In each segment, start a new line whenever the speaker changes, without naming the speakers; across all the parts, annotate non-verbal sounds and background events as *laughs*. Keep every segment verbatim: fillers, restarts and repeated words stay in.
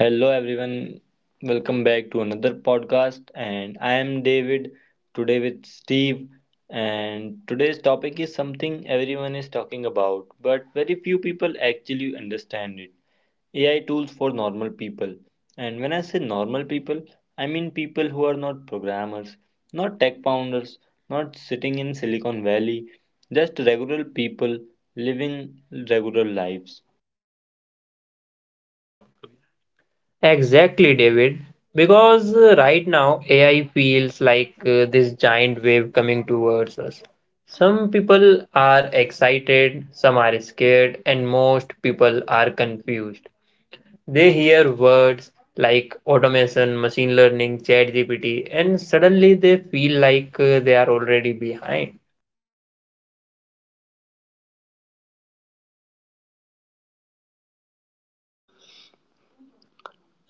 Hello everyone, welcome back to another podcast and I am David today with Steve, and today's topic is something everyone is talking about but very few people actually understand it. A I tools for normal people. And when I say normal people, I mean people who are not programmers, not tech founders, not sitting in Silicon Valley, just regular people living regular lives.
Exactly, David. Because uh, right now A I feels like uh, this giant wave coming towards us. Some people are excited, some are scared, and most people are confused. They hear words like automation, machine learning, ChatGPT, and suddenly they feel like uh, they are already behind.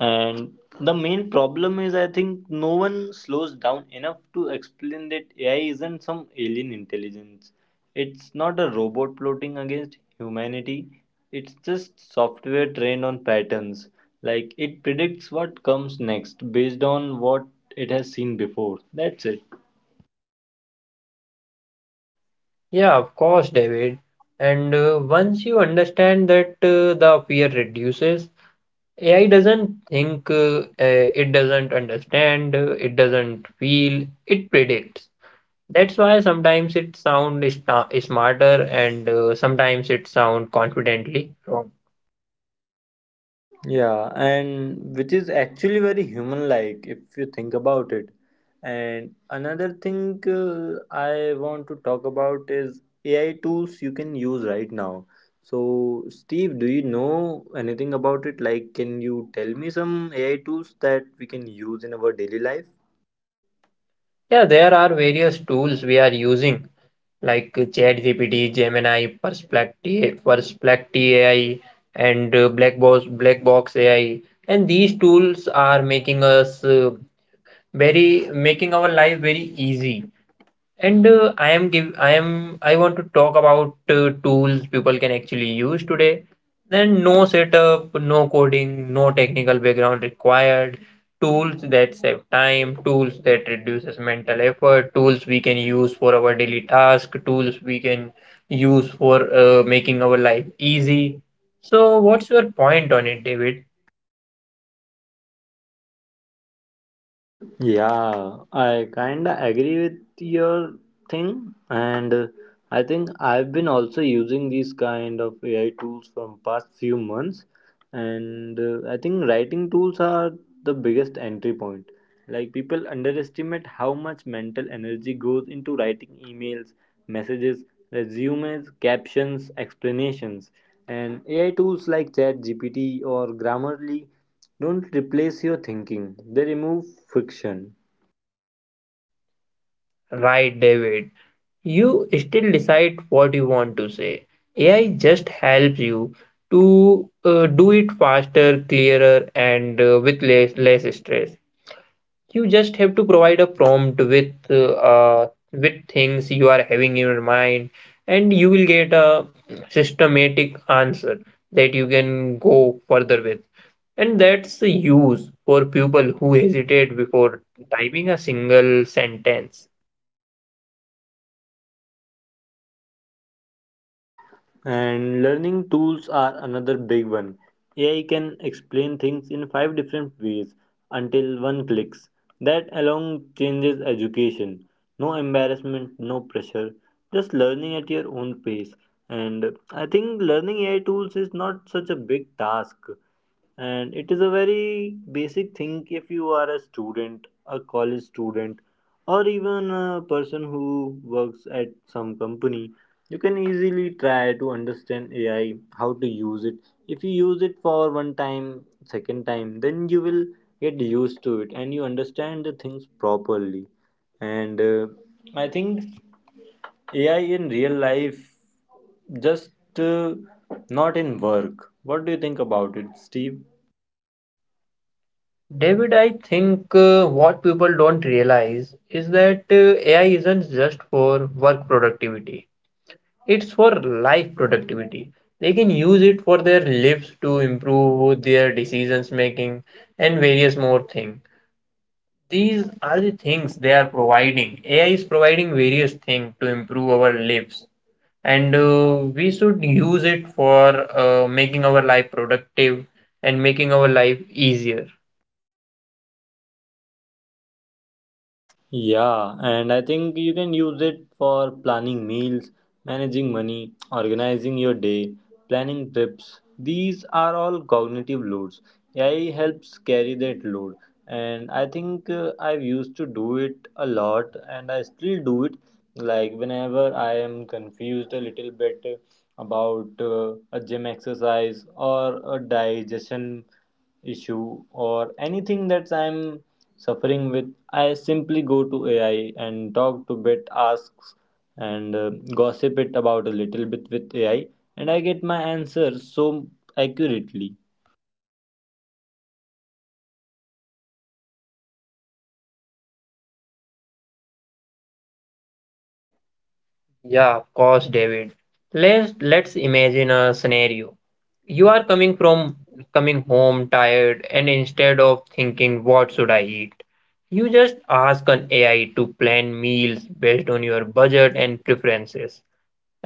And the main problem is, I think no one slows down enough to explain that A I isn't some alien intelligence. It's not a robot plotting against humanity. It's just software trained on patterns. Like it predicts what comes next based on what it has seen before. That's it.
Yeah, of course, David. And uh, once you understand that uh, the fear reduces. A I doesn't think, uh, uh, it doesn't understand, uh, it doesn't feel, it predicts. That's why sometimes it sounds smarter and uh, sometimes it sounds confidently wrong.
Yeah, and which is actually very human like if you think about it. And another thing uh, I want to talk about is A I tools you can use right now. So, Steve, do you know anything about it? Like, can you tell me some A I tools that we can use in our daily life?
Yeah, there are various tools we are using like uh, ChatGPT, Gemini, Perplexity, Perplexity A I, and uh, Black Box, Black Box A I. And these tools are making us uh, very, making our life very easy. And uh, I am give I am I want to talk about uh, tools people can actually use today. Then no setup, no coding, no technical background required. Tools that save time, tools that reduces mental effort, tools we can use for our daily task, tools we can use for uh, making our life easy. So what's your point on it, David?
Yeah, I kinda agree with your thing, and uh, I think I've been also using these kind of A I tools from past few months, and uh, I think writing tools are the biggest entry point. Like people underestimate how much mental energy goes into writing emails, messages, resumes, captions, explanations, and A I tools like ChatGPT or Grammarly don't replace your thinking; they remove friction.
Right, David. You still decide what you want to say. A I just helps you to uh, do it faster, clearer, and uh, with less, less stress. You just have to provide a prompt with uh, uh, with things you are having in your mind, and you will get a systematic answer that you can go further with. And that's the use for people who hesitate before typing a single sentence.
And learning tools are another big one. A I can explain things in five different ways until one clicks. That alone changes education. No embarrassment, no pressure, just learning at your own pace. And I think learning A I tools is not such a big task, and it is a very basic thing. If you are a student, a college student, or even a person who works at some company, you can easily try to understand AI, how to use it. If you use it for one time, second time, then you will get used to it and you understand the things properly. And uh, i think AI in real life, just uh, not in work. What do you think about it, Steve?
David, I think uh, what people don't realize is that uh, A I isn't just for work productivity, it's for life productivity. They can use it for their lives to improve their decisions making and various more things. These are the things they are providing. A I is providing various things to improve our lives, and uh, we should use it for uh, making our life productive and making our life easier.
Yeah, and I think you can use it for planning meals, managing money, organizing your day, planning trips. These are all cognitive loads. A I helps carry that load, and I think uh, I've used to do it a lot, and I still do it. Like whenever I am confused a little bit about uh, a gym exercise or a digestion issue or anything that I'm suffering with, I simply go to A I and talk to bit asks and uh, gossip it about a little bit with A I, and I get my answer so accurately.
Yeah, of course, David. Let's let's imagine a scenario. You are coming from coming home tired, and instead of thinking what should I eat, you just ask an A I to plan meals based on your budget and preferences,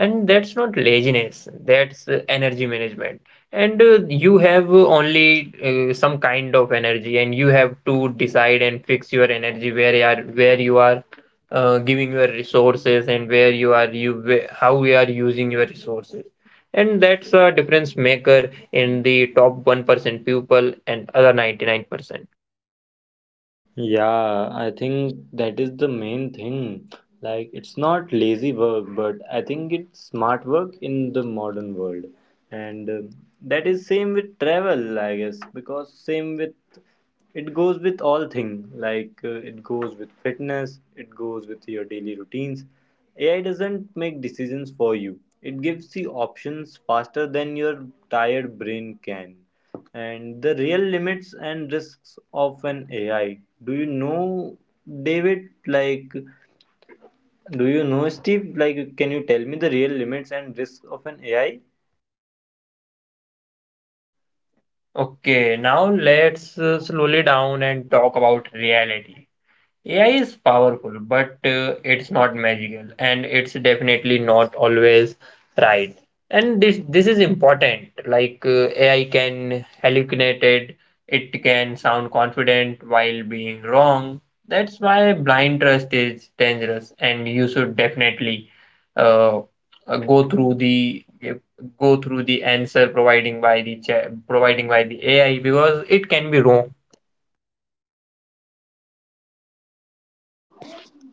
and that's not laziness, that's uh, energy management. And uh, you have uh, only uh, some kind of energy, and you have to decide and fix your energy where you are where you are uh, giving your resources, and where you are you wh- how you are using your resources. And that's a difference maker in the top one percent people and other ninety-nine percent.
Yeah, I think that is the main thing. Like, it's not lazy work, but I think it's smart work in the modern world. And um that is same with travel, I guess, because same with it goes with all thing. Like, uh, it goes with fitness, it goes with your daily routines. A I doesn't make decisions for you. It gives you options faster than your tired brain can. And the real limits and risks of an A I. Do you know, David? Like, do you know, Steve? Like, can you tell me the real limits and risks of an A I?
Okay, now let's uh, slowly down and talk about reality. A I is powerful, but uh, it's not magical, and it's definitely not always right. And this this is important. Like uh, A I can hallucinate it, it can sound confident while being wrong. That's why blind trust is dangerous, and you should definitely uh, uh, go through the go through the answer providing by the cha- providing by the A I, because it can be wrong.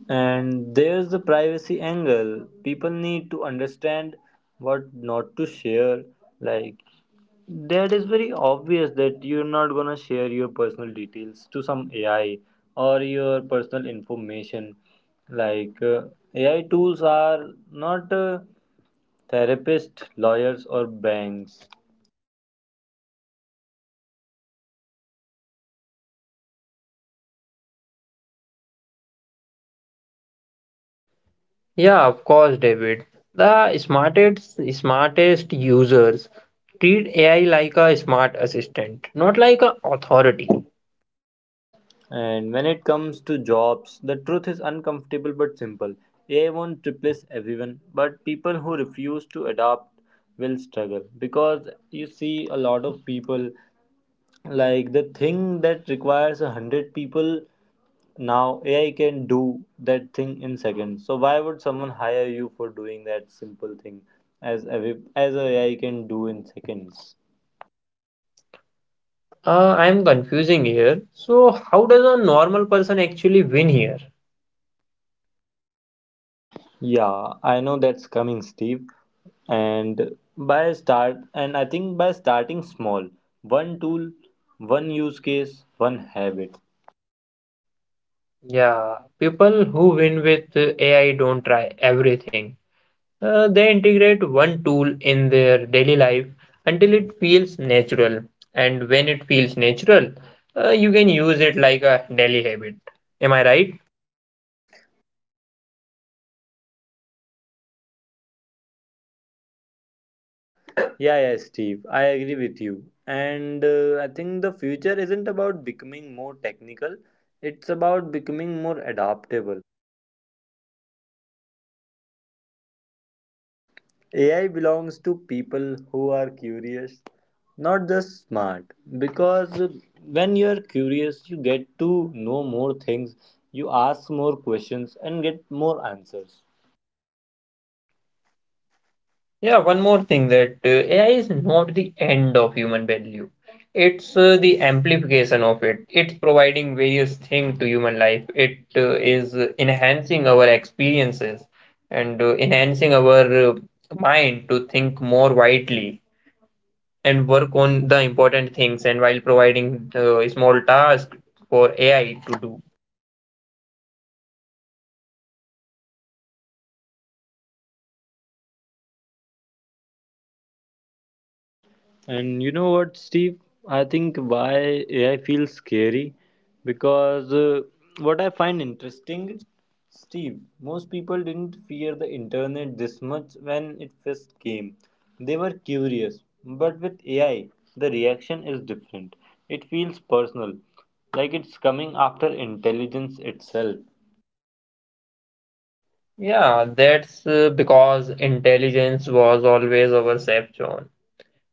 And there's the privacy angle. People need to understand what not to share. Like, that is very obvious that you're not gonna share your personal details to some A I or your personal information. Like, uh, A I tools are not. Uh, therapists, lawyers, or banks.
Yeah, of course, David. The smartest smartest users treat A I like a smart assistant, not like a authority.
And when it comes to jobs, the truth is uncomfortable but simple. A I won't replace everyone, but people who refuse to adapt will struggle, because you see a lot of people, like the thing that requires a hundred people, now A I can do that thing in seconds. So why would someone hire you for doing that simple thing as every, as a AI can do in seconds?
Uh, I am confusing here. So, how does a normal person actually win here?
Yeah, I know that's coming, Steve. And by start, and I think by starting small, one tool, one use case, one habit.
Yeah, people who win with uh, A I don't try everything. Uh, they integrate one tool in their daily life until it feels natural. And when it feels natural, uh, you can use it like a daily habit. Am I right?
Yeah, yeah, Steve, I agree with you. And uh, I think the future isn't about becoming more technical, it's about becoming more adaptable. A I belongs to people who are curious, not just smart. Because when you're curious, you get to know more things, you ask more questions, and get more answers.
Yeah, one more thing, that uh, A I is not the end of human value. It's uh, the amplification of it. It's providing various things to human life. It uh, is uh, enhancing our experiences and uh, enhancing our uh, mind to think more widely and work on the important things, and while providing uh, small tasks for A I to do.
And you know what, Steve? I think why A I feels scary, because uh, what I find interesting, Steve, most people didn't fear the internet this much when it first came. They were curious, but with A I, the reaction is different. It feels personal, like it's coming after intelligence itself.
Yeah, that's uh, because intelligence was always our safe zone.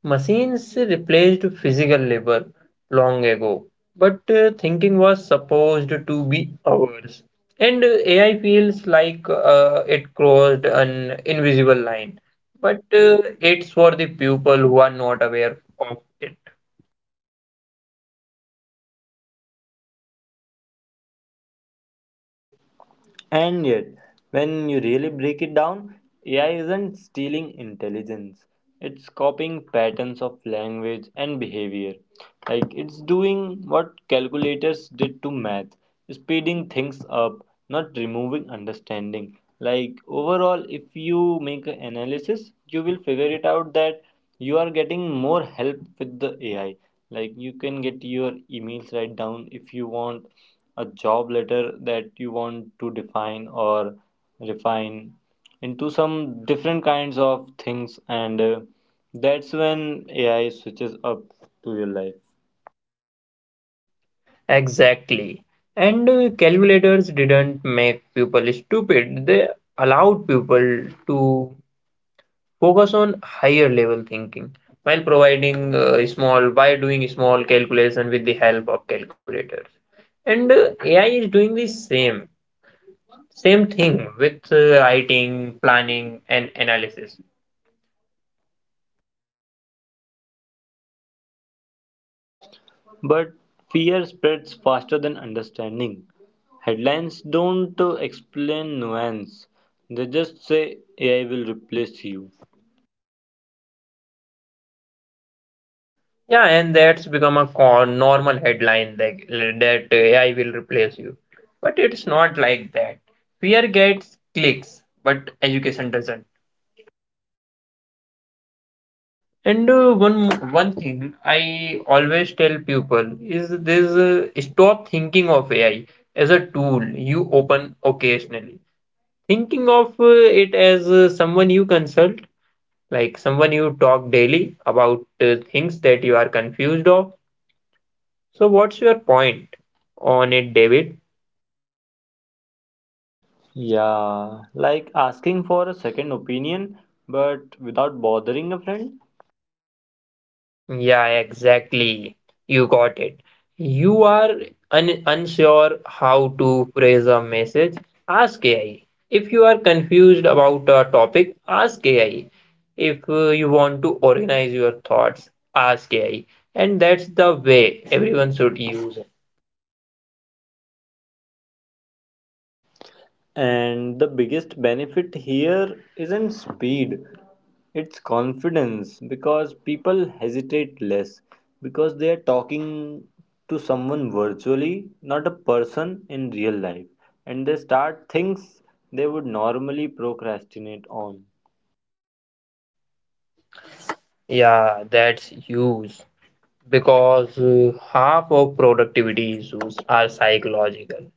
Machines replaced physical labor long ago, but uh, thinking was supposed to be ours. And uh, A I feels like uh, it crossed an invisible line, but uh, it's for the people who are not aware of it.
And yet, when you really break it down, A I isn't stealing intelligence. It's copying patterns of language and behavior. Like it's doing what calculators did to math, speeding things up, not removing understanding. Like overall, if you make an analysis, you will figure it out that you are getting more help with the A I. Like you can get your emails right down, if you want a job letter that you want to define or refine into some different kinds of things, and uh, that's when AI switches up to your life.
Exactly. And uh, calculators didn't make people stupid, they allowed people to focus on higher level thinking, while providing uh, small by doing small calculation with the help of calculators. And uh, A I is doing the same same thing with uh, writing, planning, and analysis.
But fear spreads faster than understanding. Headlines don't uh, explain nuance. They just say AI will replace you.
Yeah, and that's become a co- normal headline that that A I will replace you. But it's not like that. Fear gets clicks, but education doesn't. And uh, one one thing I always tell people is this: uh, stop thinking of A I as a tool you open occasionally. Thinking of uh, it as uh, someone you consult, like someone you talk daily about uh, things that you are confused of. So, what's your point on it, David?
Yeah, like asking for a second opinion but without bothering a friend.
Yeah, exactly. You got it. You are un unsure how to phrase a message? Ask A I. If you are confused about a topic, ask A I. If uh, you want to organize your thoughts, ask A I. And that's the way everyone should use it.
And the biggest benefit here isn't speed, it's confidence, because people hesitate less because they are talking to someone virtually, not a person in real life, and they start things they would normally procrastinate on.
Yeah, that's huge, because uh, half of productivity issues are psychological,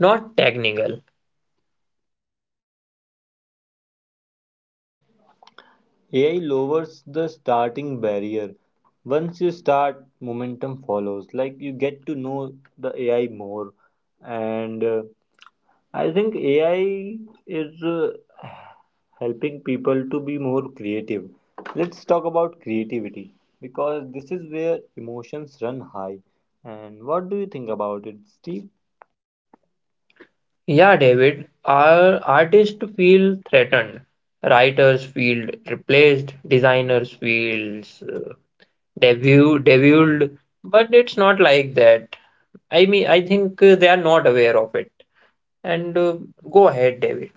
not technical.
A I lowers the starting barrier. Once you start, momentum follows. Like you get to know the A I more, and uh, I think A I is uh, helping people to be more creative. Let's talk about creativity because this is where emotions run high. And what do you think about it, Steve?
Yeah, David, our artists feel threatened, writers feel replaced, designers feels uh, devu deviled, but it's not like that. I mean, I think uh, they are not aware of it. And uh, go ahead, David.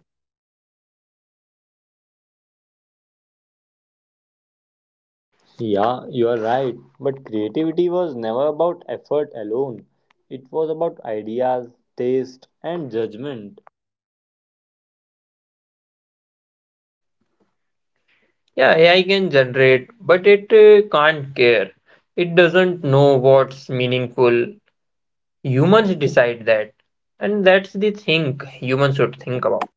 Yeah, you are right. But creativity was never about effort alone, it was about ideas, taste, and judgment.
Yeah, A I can generate, but it uh, can't care. It doesn't know what's meaningful. Humans decide that. And that's the thing humans should think about.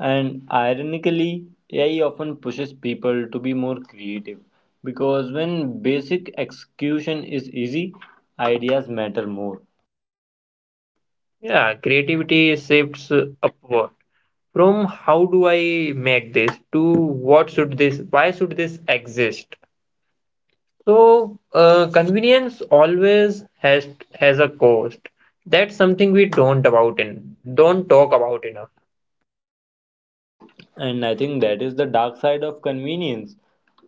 And ironically, A I often pushes people to be more creative because when basic execution is easy, ideas matter more.
Yeah, creativity shifts upward, from how do I make this to what should this, why should this exist? So uh, convenience always has has a cost. That's something we don't about in don't talk about enough.
And I think that is the dark side of convenience.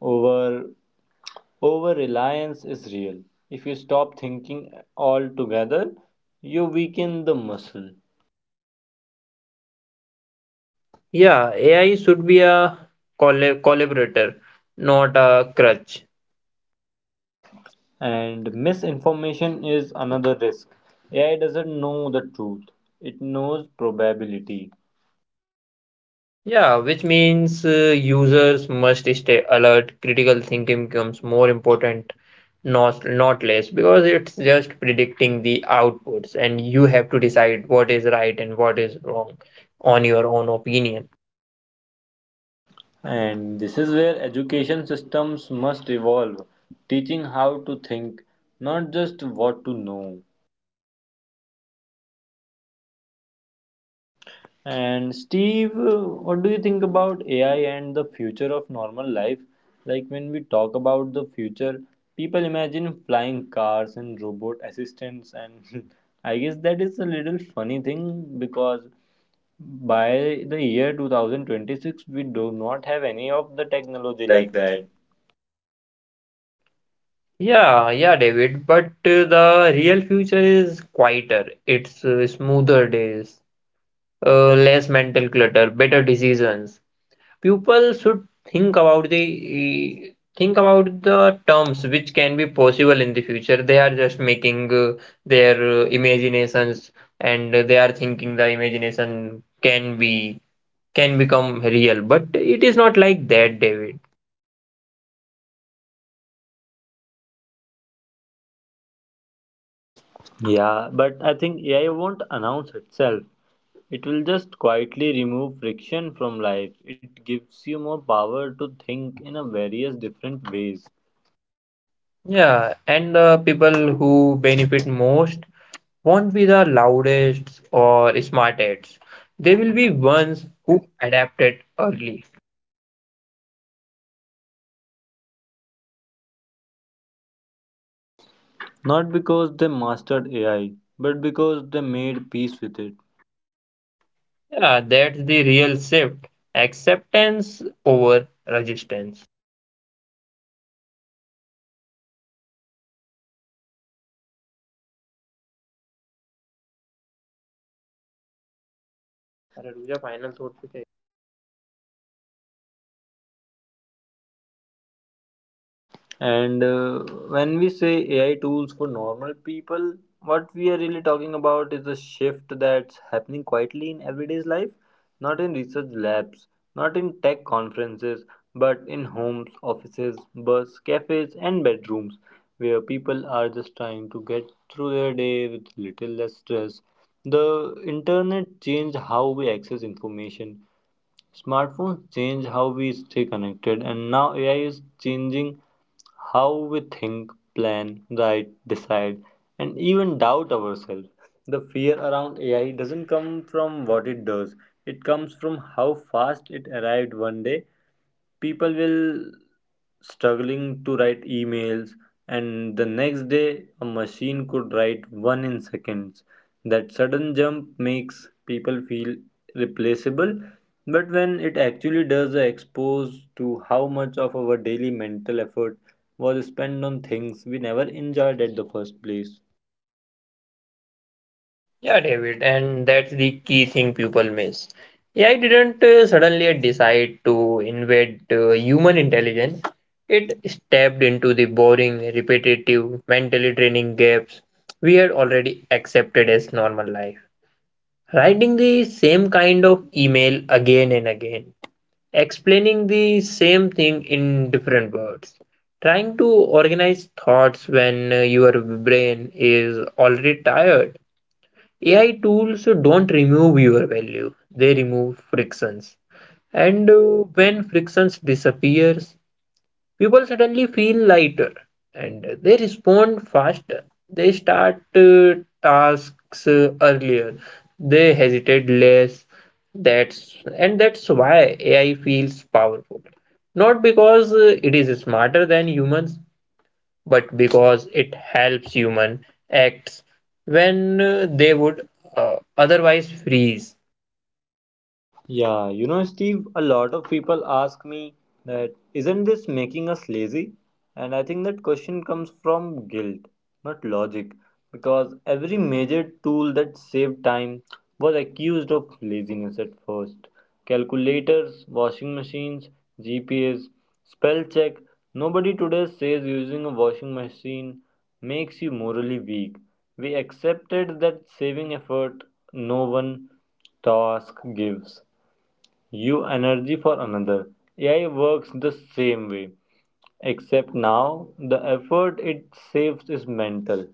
Over over reliance is real. If you stop thinking altogether, you weaken the muscle.
Yeah, A I should be a colla- collaborator, not a crutch.
And misinformation is another risk. A I doesn't know the truth. It knows probability.
Yeah, which means uh, users must stay alert. Critical thinking becomes more important, not not less, because it's just predicting the outputs, and you have to decide what is right and what is wrong on your own opinion.
And this is where education systems must evolve, teaching how to think, not just what to know. And Steve, uh, what do you think about A I and the future of normal life? Like when we talk about the future, people imagine flying cars and robot assistants, and *laughs* I guess that is a little funny thing because by the year twenty twenty-six, we do not have any of the
Technology
technology
like
like that.
that. Yeah, yeah, David, but uh, the real future is quieter. It's uh, smoother days, uh, less mental clutter, better decisions. People should think about the think about the terms which can be possible in the future. They are just making uh, their uh, imaginations, and they are thinking the imagination can be can become real, but it is not like that, David.
Yeah, but I think A I won't announce itself. It will just quietly remove friction from life. It gives you more power to think in a various different ways.
Yeah, and the people who benefit most won't be the loudest or smartest. They will be ones who adapted early.
Not because they mastered A I, but because they made peace with it.
Yeah, that's the real shift. Acceptance over resistance.
And uh, when we say A I tools for normal people, what we are really talking about is a shift that's happening quietly in everyday's life, not in research labs, not in tech conferences, but in homes, offices, bus, cafes, and bedrooms, where people are just trying to get through their day with little less stress. The internet changed how we access information. Smartphones change how we stay connected, and now A I is changing how we think, plan, write, decide, and even doubt ourselves. The fear around A I doesn't come from what it does, it comes from how fast it arrived. One day people will struggling to write emails, and the next day a machine could write one in seconds. That sudden jump makes people feel replaceable, but when it actually does, they expose to how much of our daily mental effort was spent on things we never enjoyed at the first place.
Yeah, David, and that's the key thing people miss. A I didn't uh, suddenly decide to invade uh, human intelligence. It stepped into the boring, repetitive, mentally draining gaps we had already accepted as normal life. Writing the same kind of email again and again, explaining the same thing in different words, trying to organize thoughts when uh, your brain is already tired. AI tools don't remove your value, they remove frictions. And uh, when frictions disappears, people suddenly feel lighter, and they respond faster. They start uh, tasks uh, earlier, they hesitate less. That's and that's why AI feels powerful, not because uh, it is smarter than humans, but because it helps human acts when uh, they would uh, otherwise freeze.
Yeah, you know, Steve, a lot of people ask me that isn't this making us lazy? And I think that question comes from guilt, not logic, because every major tool that saved time was accused of laziness at first. Calculators, washing machines, G P S, spell check. Nobody today says using a washing machine makes you morally weak. We accepted that saving effort, no one task gives you energy for another. A I works the same way, except now the effort it saves is mental.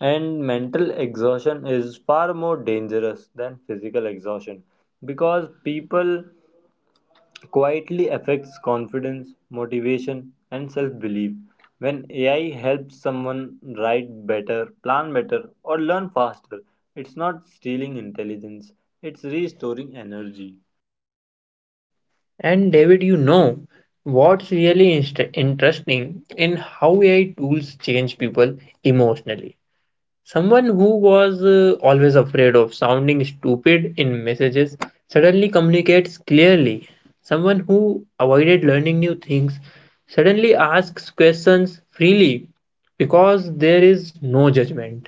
And mental exhaustion is far more dangerous than physical exhaustion because people quietly affects confidence, motivation, and self belief. When A I helps someone write better, plan better, or learn faster, it's not stealing intelligence, it's restoring energy.
And David, you know what's really inst- interesting in how A I tools change people emotionally. Someone who was uh, always afraid of sounding stupid in messages suddenly communicates clearly. Someone who avoided learning new things suddenly asks questions freely, because there is no judgment.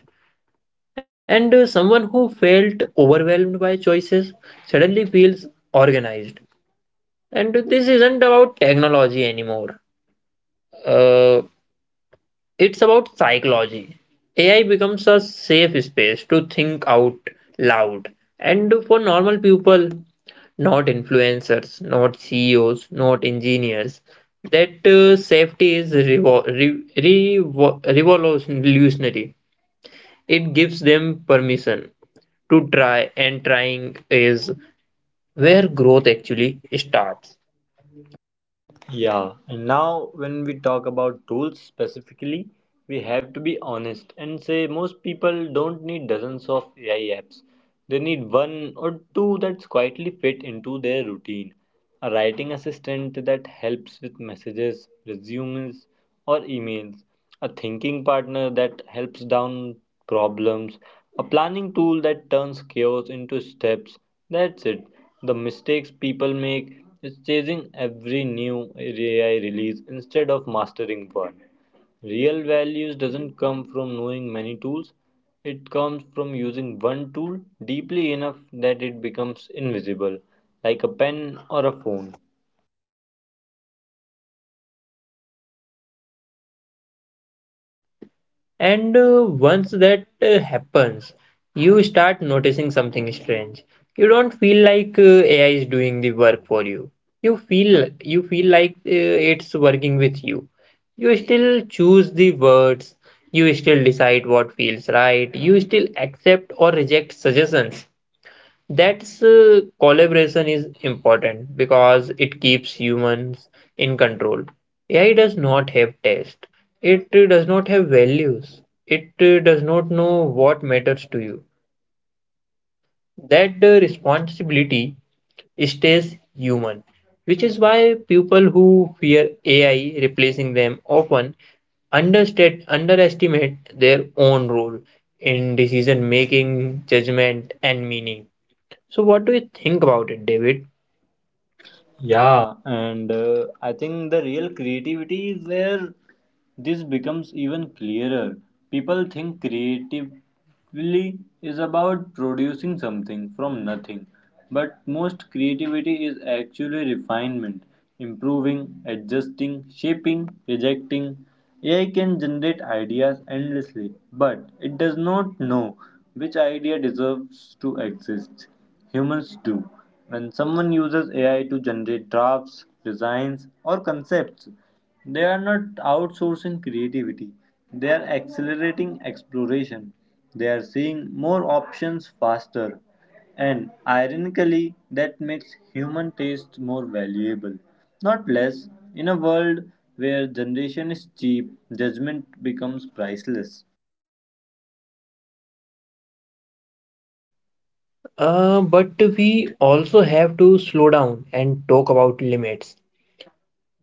And uh, someone who felt overwhelmed by choices suddenly feels organized. And this isn't about technology anymore. Uh, it's about psychology. A I becomes a safe space to think out loud. And for normal people, not influencers, not C E Os, not engineers, that uh, safety is revo- re- revo- revolutionary. It gives them permission to try, and trying is where growth actually starts.
Yeah, and now when we talk about tools specifically, we have to be honest and say most people don't need dozens of A I apps. They need one or two that quietly fit into their routine. A writing assistant that helps with messages, resumes, or emails, a thinking partner that helps down problems, a planning tool that turns chaos into steps. That's it. The mistakes people make is chasing every new A I release instead of mastering one. Real values doesn't come from knowing many tools. It comes from using one tool deeply enough that it becomes invisible, like a pen or a phone.
And uh, once that uh, happens, you start noticing something strange. You don't feel like uh, A I is doing the work for you. You feel you feel like uh, it's working with you. You still choose the words. You still decide what feels right. You still accept or reject suggestions. That's uh, collaboration is important because it keeps humans in control. A I does not have taste. It uh, does not have values. It uh, does not know what matters to you. That uh, responsibility stays human, which is why people who fear A I replacing them often understate, underestimate their own role in decision making, judgment, and meaning. So, what do you think about it, David?
Yeah, and uh, I think the real creativity is where this becomes even clearer. People think creatively is about producing something from nothing, but most creativity is actually refinement, improving, adjusting, shaping, rejecting. A I can generate ideas endlessly, but it does not know which idea deserves to exist. Humans do. When someone uses A I to generate drafts, designs, or concepts, they are not outsourcing creativity, they are accelerating exploration. They are seeing more options faster. And ironically, that makes human taste more valuable, not less, in a world where generation is cheap, judgment becomes priceless.
Uh, but we also have to slow down and talk about limits,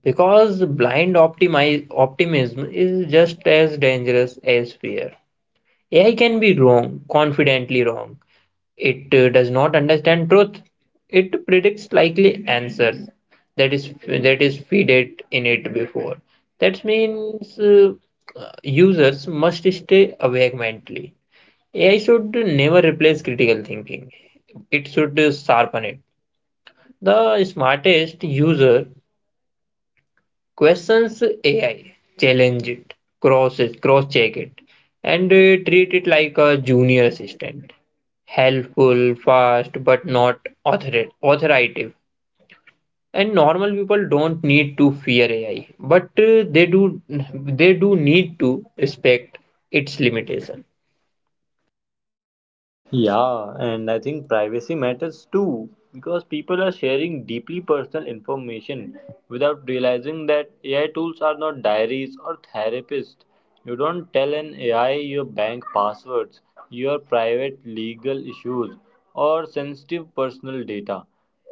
because blind optimi- optimism is just as dangerous as fear. A I can be wrong, confidently wrong. It uh, does not understand truth. It predicts likely answers that is that is feeded in it before. That means uh, users must stay awake mentally. A I should never replace critical thinking. It should sharpen it. The smartest user questions A I, challenge it, cross it, cross check it, and uh, treat it like a junior assistant. Helpful, fast, but not author- authoritative. And normal people don't need to fear A I, but uh, they do they do need to respect its limitation.
Yeah, and I think privacy matters too because people are sharing deeply personal information without realizing that A I tools are not diaries or therapists. You don't tell an A I your bank passwords, your private legal issues, or sensitive personal data.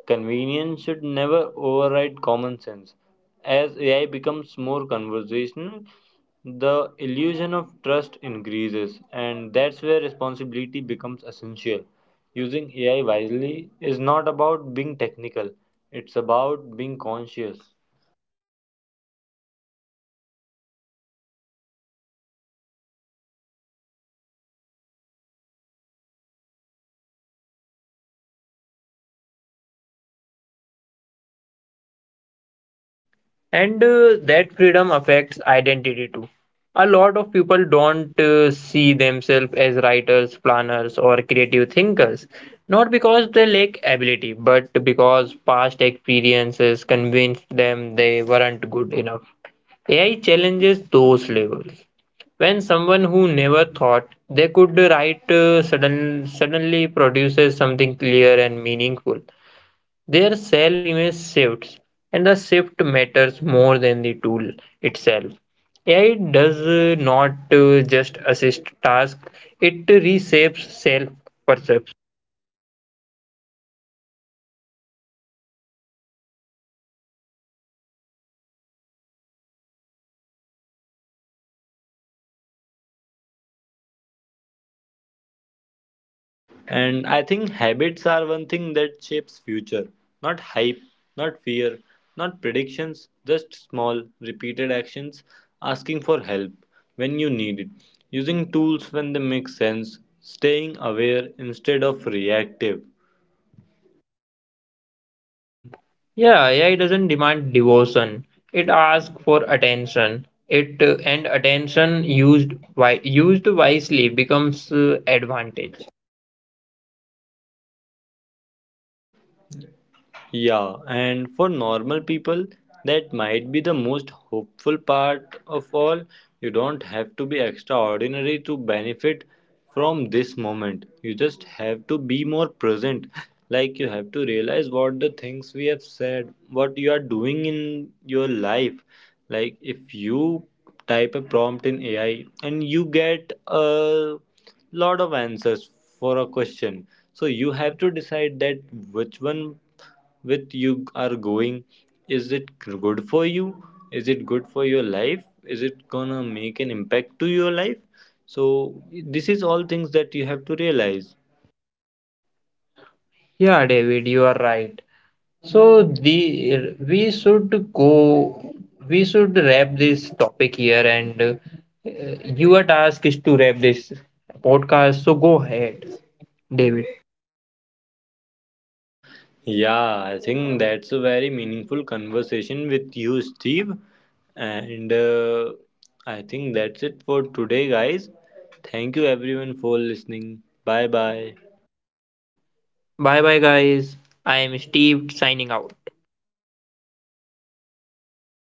Convenience should never override common sense. As A I becomes more conversational, the illusion of trust increases, and that's where responsibility becomes essential. Using A I wisely is not about being technical, it's about being conscious.
and uh, that freedom affects identity too. A lot of people don't uh, see themselves as writers, planners or creative thinkers, not because they lack ability, but because past experiences convinced them they weren't good enough. AI challenges those labels. When someone who never thought they could write uh, sudden, suddenly produces something clear and meaningful, their self image shifts, and the shift matters more than the tool itself. A I does uh, not uh, just assist tasks, it reshapes self perception.
And I think habits are one thing that shapes future. Not hype, not fear, not predictions, just small, repeated actions, asking for help when you need it, using tools when they make sense, staying aware instead of reactive.
Yeah, A I doesn't demand devotion. It asks for attention. It uh, and attention used wi- used wisely becomes uh, advantage.
Yeah, and for normal people, that might be the most hopeful part of all. You don't have to be extraordinary to benefit from this moment. You just have to be more present. Like you have to realize what the things we have said, what you are doing in your life. Like if you type a prompt in A I and you get a lot of answers for a question. So you have to decide that which one with you are going, is it good for you, is it good for your life, is it gonna make an impact to your life? So this is all things that you have to realize.
Yeah, David, you are right. So the we should go we should wrap this topic here, and uh, your task is to wrap this podcast. So go ahead, David.
Yeah, I think that's a very meaningful conversation with you, Steve, and uh, I think that's it for today, guys. Thank you everyone for listening. Bye bye.
Bye bye, guys. I am Steve signing out.